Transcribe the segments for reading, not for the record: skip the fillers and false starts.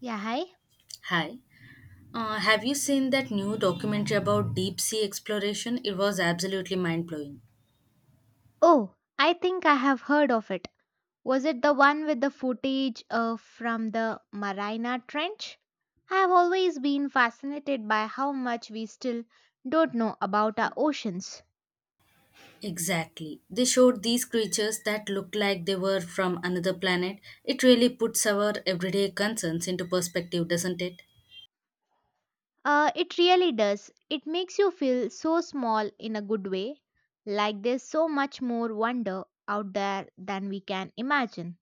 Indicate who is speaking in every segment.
Speaker 1: Yeah, hi.
Speaker 2: Hi. Have you seen that new documentary about deep sea exploration? It was absolutely mind blowing.
Speaker 1: Oh, I think I have heard of it. Was it the one with the footage from the Marina Trench? I have always been fascinated by how much we still don't know about our oceans.
Speaker 2: Exactly. They showed these creatures that looked like they were from another planet. It really puts our everyday concerns into perspective, doesn't it?
Speaker 1: It really does. It makes you feel so small in a good way, like there's so much more wonder out there than we can imagine.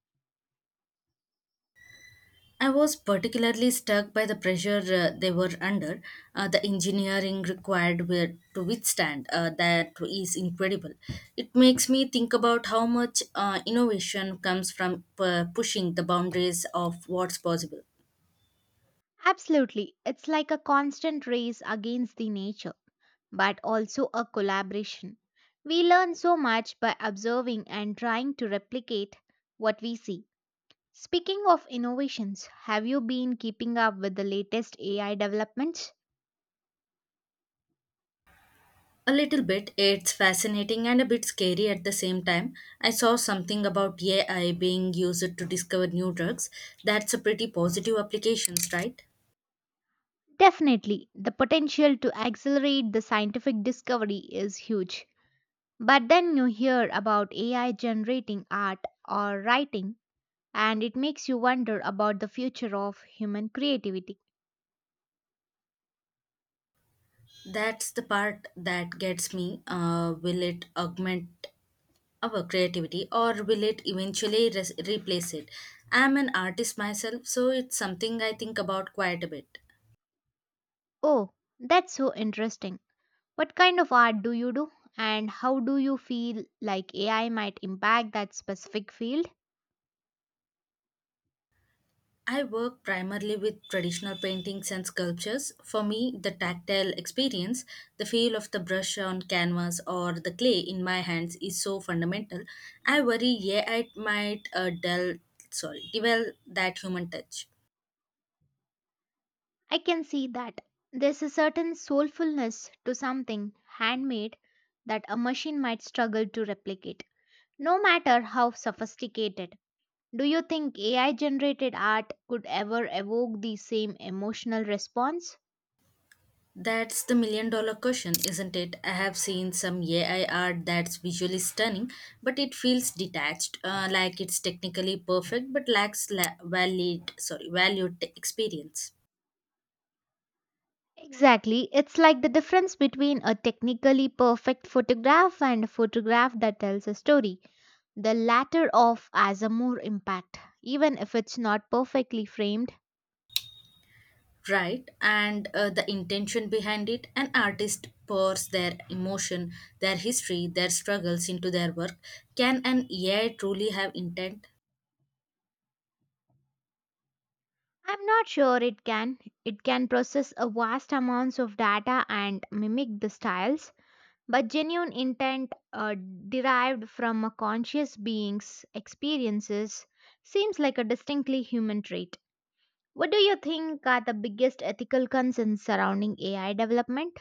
Speaker 2: I was particularly struck by the pressure they were under. The engineering required were to withstand that is incredible. It makes me think about how much innovation comes from pushing the boundaries of what's possible.
Speaker 1: Absolutely. It's like a constant race against the nature, but also a collaboration. We learn so much by observing and trying to replicate what we see. Speaking of innovations, have you been keeping up with the latest AI developments?
Speaker 2: A little bit, it's fascinating and a bit scary at the same time. I saw something about AI being used to discover new drugs. That's a pretty positive applications, right?
Speaker 1: Definitely, the potential to accelerate the scientific discovery is huge. But then you hear about AI generating art or writing, and it makes you wonder about the future of human creativity.
Speaker 2: That's the part that gets me. Will it augment our creativity or will it eventually replace it? I'm an artist myself, so it's something I think about quite a bit.
Speaker 1: Oh, that's so interesting. What kind of art do you do? And how do you feel like AI might impact that specific field?
Speaker 2: I work primarily with traditional paintings and sculptures. For me, the tactile experience, the feel of the brush on canvas or the clay in my hands is so fundamental. I worry, yeah, I might develop that human touch.
Speaker 1: I can see that. There's a certain soulfulness to something handmade that a machine might struggle to replicate, no matter how sophisticated. Do you think AI generated art could ever evoke the same emotional response?
Speaker 2: That's the million-dollar question, isn't it? I have seen some AI art that's visually stunning, but it feels detached, like it's technically perfect but lacks valued experience.
Speaker 1: Exactly. It's like the difference between a technically perfect photograph and a photograph that tells a story. The latter of has a more impact. Even if it's not perfectly framed,
Speaker 2: Right, and the intention behind it, an artist pours their emotion, their history, their struggles into their work. Can an AI truly have intent?
Speaker 1: I'm not sure it can. It can process a vast amounts of data and mimic the styles, but genuine intent derived from a conscious being's experiences seems like a distinctly human trait. What do you think are the biggest ethical concerns surrounding AI development?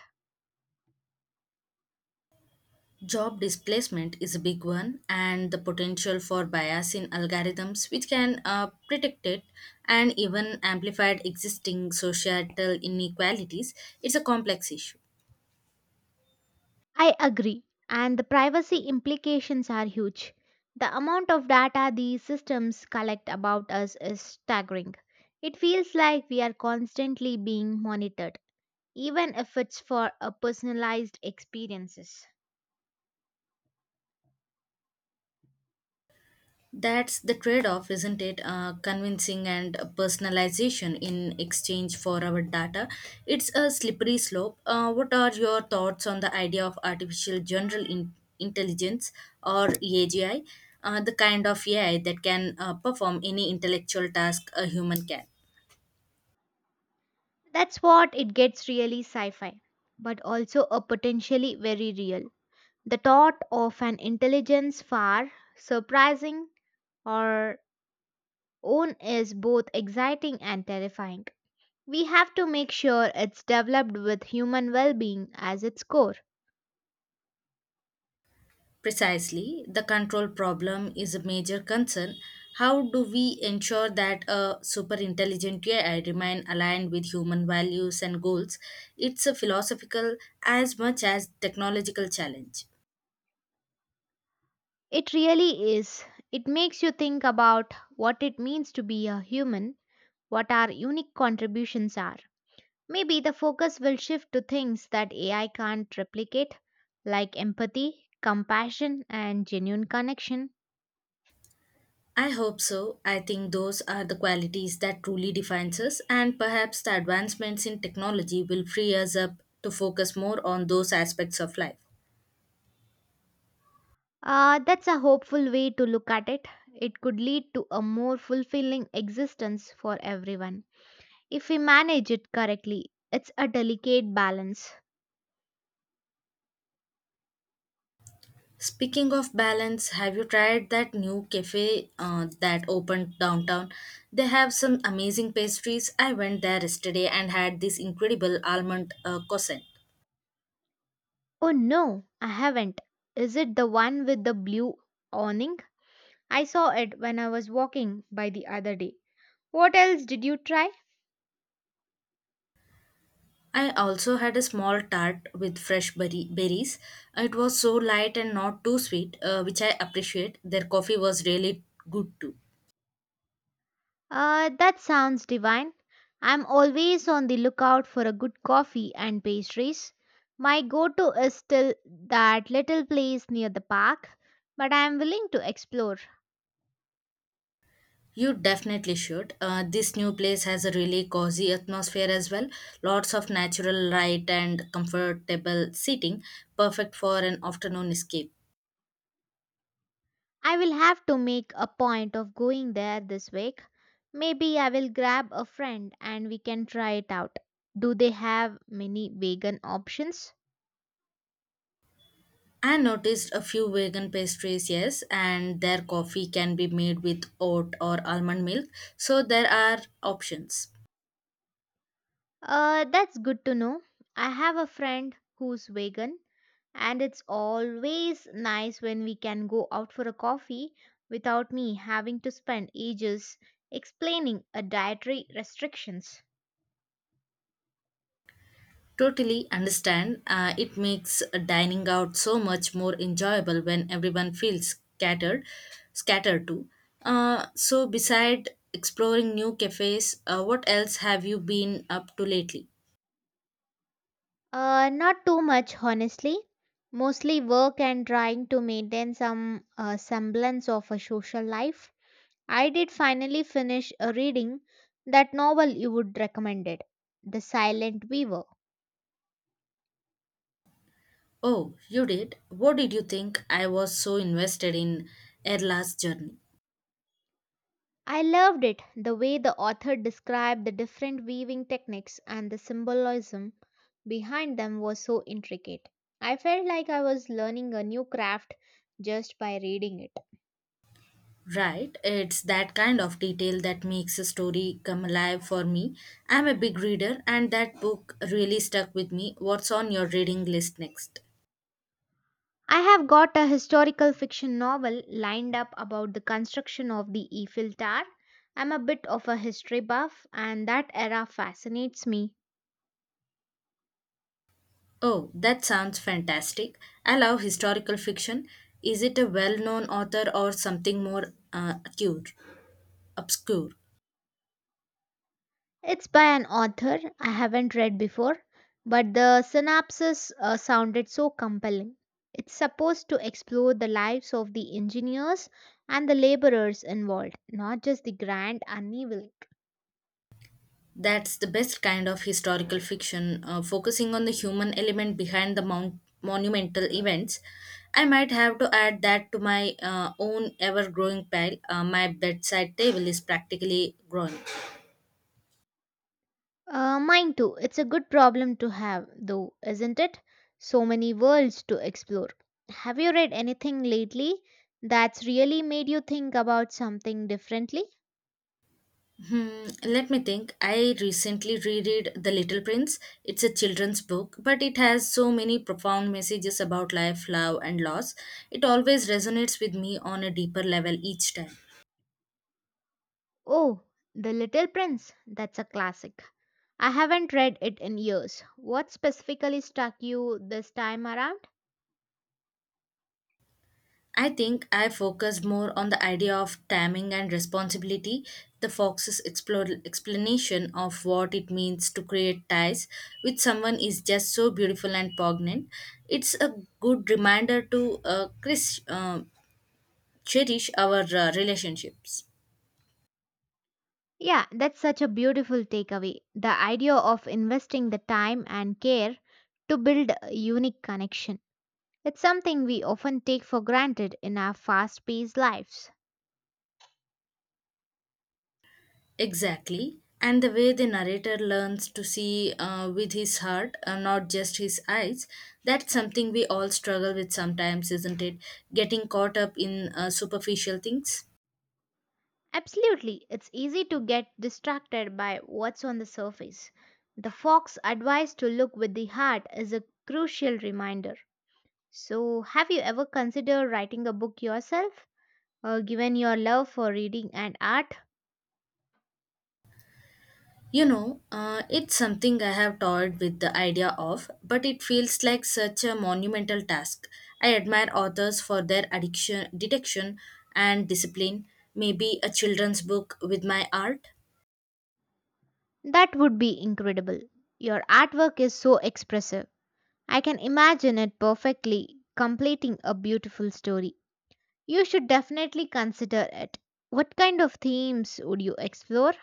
Speaker 2: Job displacement is a big one, and the potential for bias in algorithms, which can predict it and even amplified existing societal inequalities, it's a complex issue.
Speaker 1: I agree, and the privacy implications are huge. The amount of data these systems collect about us is staggering. It feels like we are constantly being monitored, even if it's for a personalized experiences.
Speaker 2: That's the trade off, isn't it? Convincing and personalization in exchange for our data. It's a slippery slope. What are your thoughts on the idea of artificial general intelligence or AGI, the kind of AI that can perform any intellectual task a human can?
Speaker 1: That's what it gets really sci-fi, but also a potentially very real. The thought of an intelligence far surprising or own is both exciting and terrifying. We have to make sure it's developed with human well being as its core.
Speaker 2: Precisely, the control problem is a major concern. How do we ensure that a superintelligent AI remain aligned with human values and goals? It's a philosophical as much as technological challenge.
Speaker 1: It really is. It makes you think about what it means to be a human, what our unique contributions are. Maybe the focus will shift to things that AI can't replicate, like empathy, compassion, and genuine connection.
Speaker 2: I hope so. I think those are the qualities that truly defines us and perhaps the advancements in technology will free us up to focus more on those aspects of life.
Speaker 1: That's a hopeful way to look at it. It could lead to a more fulfilling existence for everyone. If we manage it correctly. It's a delicate balance.
Speaker 2: Speaking of balance, have you tried that new cafe that opened downtown? They have some amazing pastries. I went there yesterday and had this incredible almond croissant.
Speaker 1: Oh no, I haven't. Is it the one with the blue awning? I saw it when I was walking by the other day. What else did you try?
Speaker 2: I also had a small tart with fresh berries. It was so light and not too sweet, which I appreciate. Their coffee was really good too.
Speaker 1: That sounds divine. I'm always on the lookout for a good coffee and pastries. My go to is still that little place near the park, but I am willing to explore.
Speaker 2: You definitely should. This new place has a really cozy atmosphere as well. Lots of natural light and comfortable seating, perfect for an afternoon escape.
Speaker 1: I will have to make a point of going there this week. Maybe I will grab a friend and we can try it out. Do they have many vegan options?
Speaker 2: I noticed a few vegan pastries, yes, and their coffee can be made with oat or almond milk, so there are options.
Speaker 1: That's good to know. I have a friend who's vegan, and it's always nice when we can go out for a coffee without me having to spend ages explaining a dietary restrictions.
Speaker 2: Totally understand. It makes dining out so much more enjoyable when everyone feels scattered too. So, beside exploring new cafes, what else have you been up to lately?
Speaker 1: Not too much, honestly. Mostly work and trying to maintain some semblance of a social life. I did finally finish reading that novel you would recommended, The Silent Weaver.
Speaker 2: Oh, you did. What did you think? I was so invested in Erla's journey.
Speaker 1: I loved it, the way the author described the different weaving techniques and the symbolism behind them was so intricate. I felt like I was learning a new craft just by reading it.
Speaker 2: Right, it's that kind of detail that makes a story come alive for me. I'm a big reader, and that book really stuck with me. What's on your reading list next?
Speaker 1: I have got a historical fiction novel lined up about the construction of the Eiffel Tower. I'm a bit of a history buff, and that era fascinates me.
Speaker 2: Oh, that sounds fantastic. I love historical fiction. Is it a well known author or something more obscure?
Speaker 1: It's by an author I haven't read before, but the synopsis sounded so compelling. It's supposed to explore the lives of the engineers and the laborers involved, not just the grand upheaval.
Speaker 2: That's the best kind of historical fiction, focusing on the human element behind the monumental events. I might have to add that to my own ever growing pile. My bedside table is practically growing.
Speaker 1: Mine too. It's a good problem to have, though, isn't it? So many worlds to explore. Have you read anything lately that's really made you think about something differently?
Speaker 2: Hmm, let me think. I recently reread The Little Prince. It's a children's book, but it has so many profound messages about life, love, and loss. It always resonates with me on a deeper level each time.
Speaker 1: Oh, The Little Prince. That's a classic. I haven't read it in years. What specifically struck you this time around?
Speaker 2: I think I focus more on the idea of timing and responsibility. The fox's explanation of what it means to create ties with someone is just so beautiful and poignant. It's a good reminder to Chris. Cherish our relationships.
Speaker 1: Yeah, that's such a beautiful takeaway. The idea of investing the time and care to build a unique connection. It's something we often take for granted in our fast paced lives.
Speaker 2: Exactly. And the way the narrator learns to see with his heart, not just his eyes, that's something we all struggle with sometimes, isn't it? Getting caught up in superficial things.
Speaker 1: Absolutely, it's easy to get distracted by what's on the surface. The Fox advice to look with the heart is a crucial reminder. So, have you ever considered writing a book yourself? Given your love for reading and art,
Speaker 2: You know, it's something I have toyed with the idea of, but it feels like such a monumental task. I admire authors for their addiction detection and discipline. Maybe a children's book with my art.
Speaker 1: that would be incredible. Your artwork is so expressive. I can imagine it perfectly completing a beautiful story. You should definitely consider it. What kind of themes would you explore?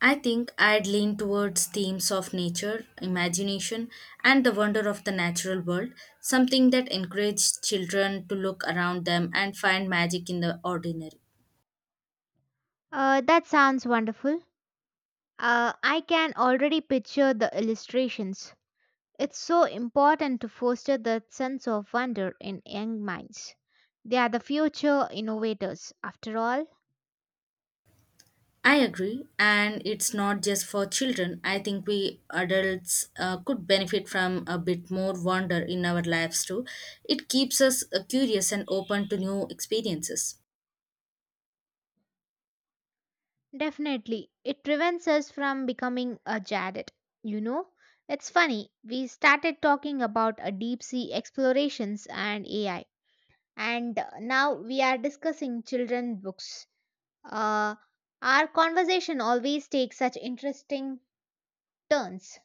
Speaker 2: I think I'd lean towards themes of nature, imagination, and the wonder of the natural world, something that encourages children to look around them and find magic in the ordinary.
Speaker 1: That sounds wonderful. I can already picture the illustrations. It's so important to foster that sense of wonder in young minds. They are the future innovators, after all.
Speaker 2: I agree, and it's not just for children. I think we adults could benefit from a bit more wonder in our lives too. It keeps us curious and open to new experiences.
Speaker 1: Definitely, it prevents us from becoming a jaded. You know, it's funny, we started talking about a deep sea explorations and AI and now we are discussing children books. Uh, our conversation always takes such interesting turns.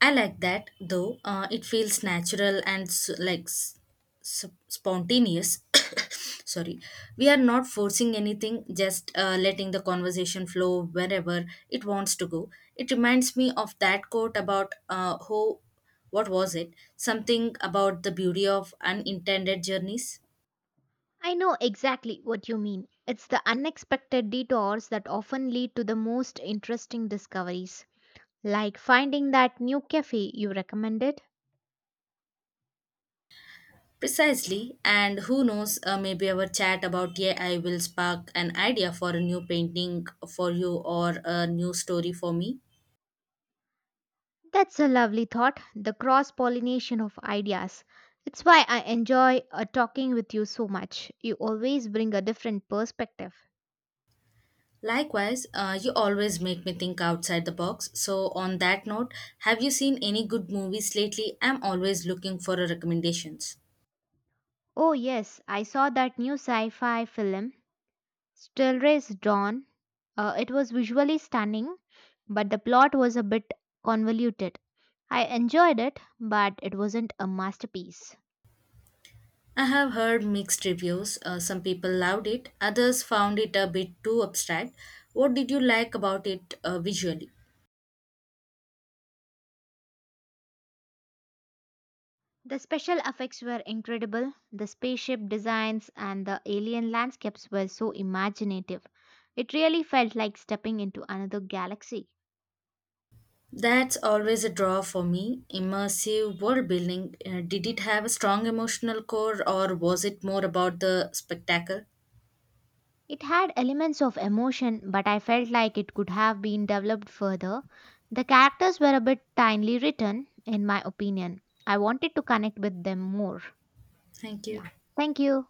Speaker 2: I like that though. It feels natural and s like s- s- spontaneous. Sorry, we are not forcing anything, just letting the conversation flow wherever it wants to go. It reminds me of that quote about what was it? Something about the beauty of unintended journeys.
Speaker 1: I know exactly what you mean. It's the unexpected detours that often lead to the most interesting discoveries, like finding that new cafe you recommended.
Speaker 2: Precisely, and who knows, maybe our chat about AI will spark an idea for a new painting for you or a new story for me.
Speaker 1: That's a lovely thought, the cross pollination of ideas. It's why I enjoy talking with you so much. You always bring a different perspective.
Speaker 2: Likewise, you always make me think outside the box. So, on that note, have you seen any good movies lately? I'm always looking for a recommendations.
Speaker 1: Oh, yes, I saw that new sci fi film, Still Race Dawn. It was visually stunning, but the plot was a bit convoluted. I enjoyed it, but it wasn't a masterpiece.
Speaker 2: I have heard mixed reviews. Some people loved it, others found it a bit too abstract. What did you like about it visually?
Speaker 1: The special effects were incredible, the spaceship designs and the alien landscapes were so imaginative. It really felt like stepping into another galaxy.
Speaker 2: That's always a draw for me. Immersive world building. Did it have a strong emotional core or was it more about the spectacle?
Speaker 1: It had elements of emotion, but I felt like it could have been developed further. The characters were a bit tinily written, in my opinion. I wanted to connect with them more.
Speaker 2: Thank you.
Speaker 1: Yeah. Thank you.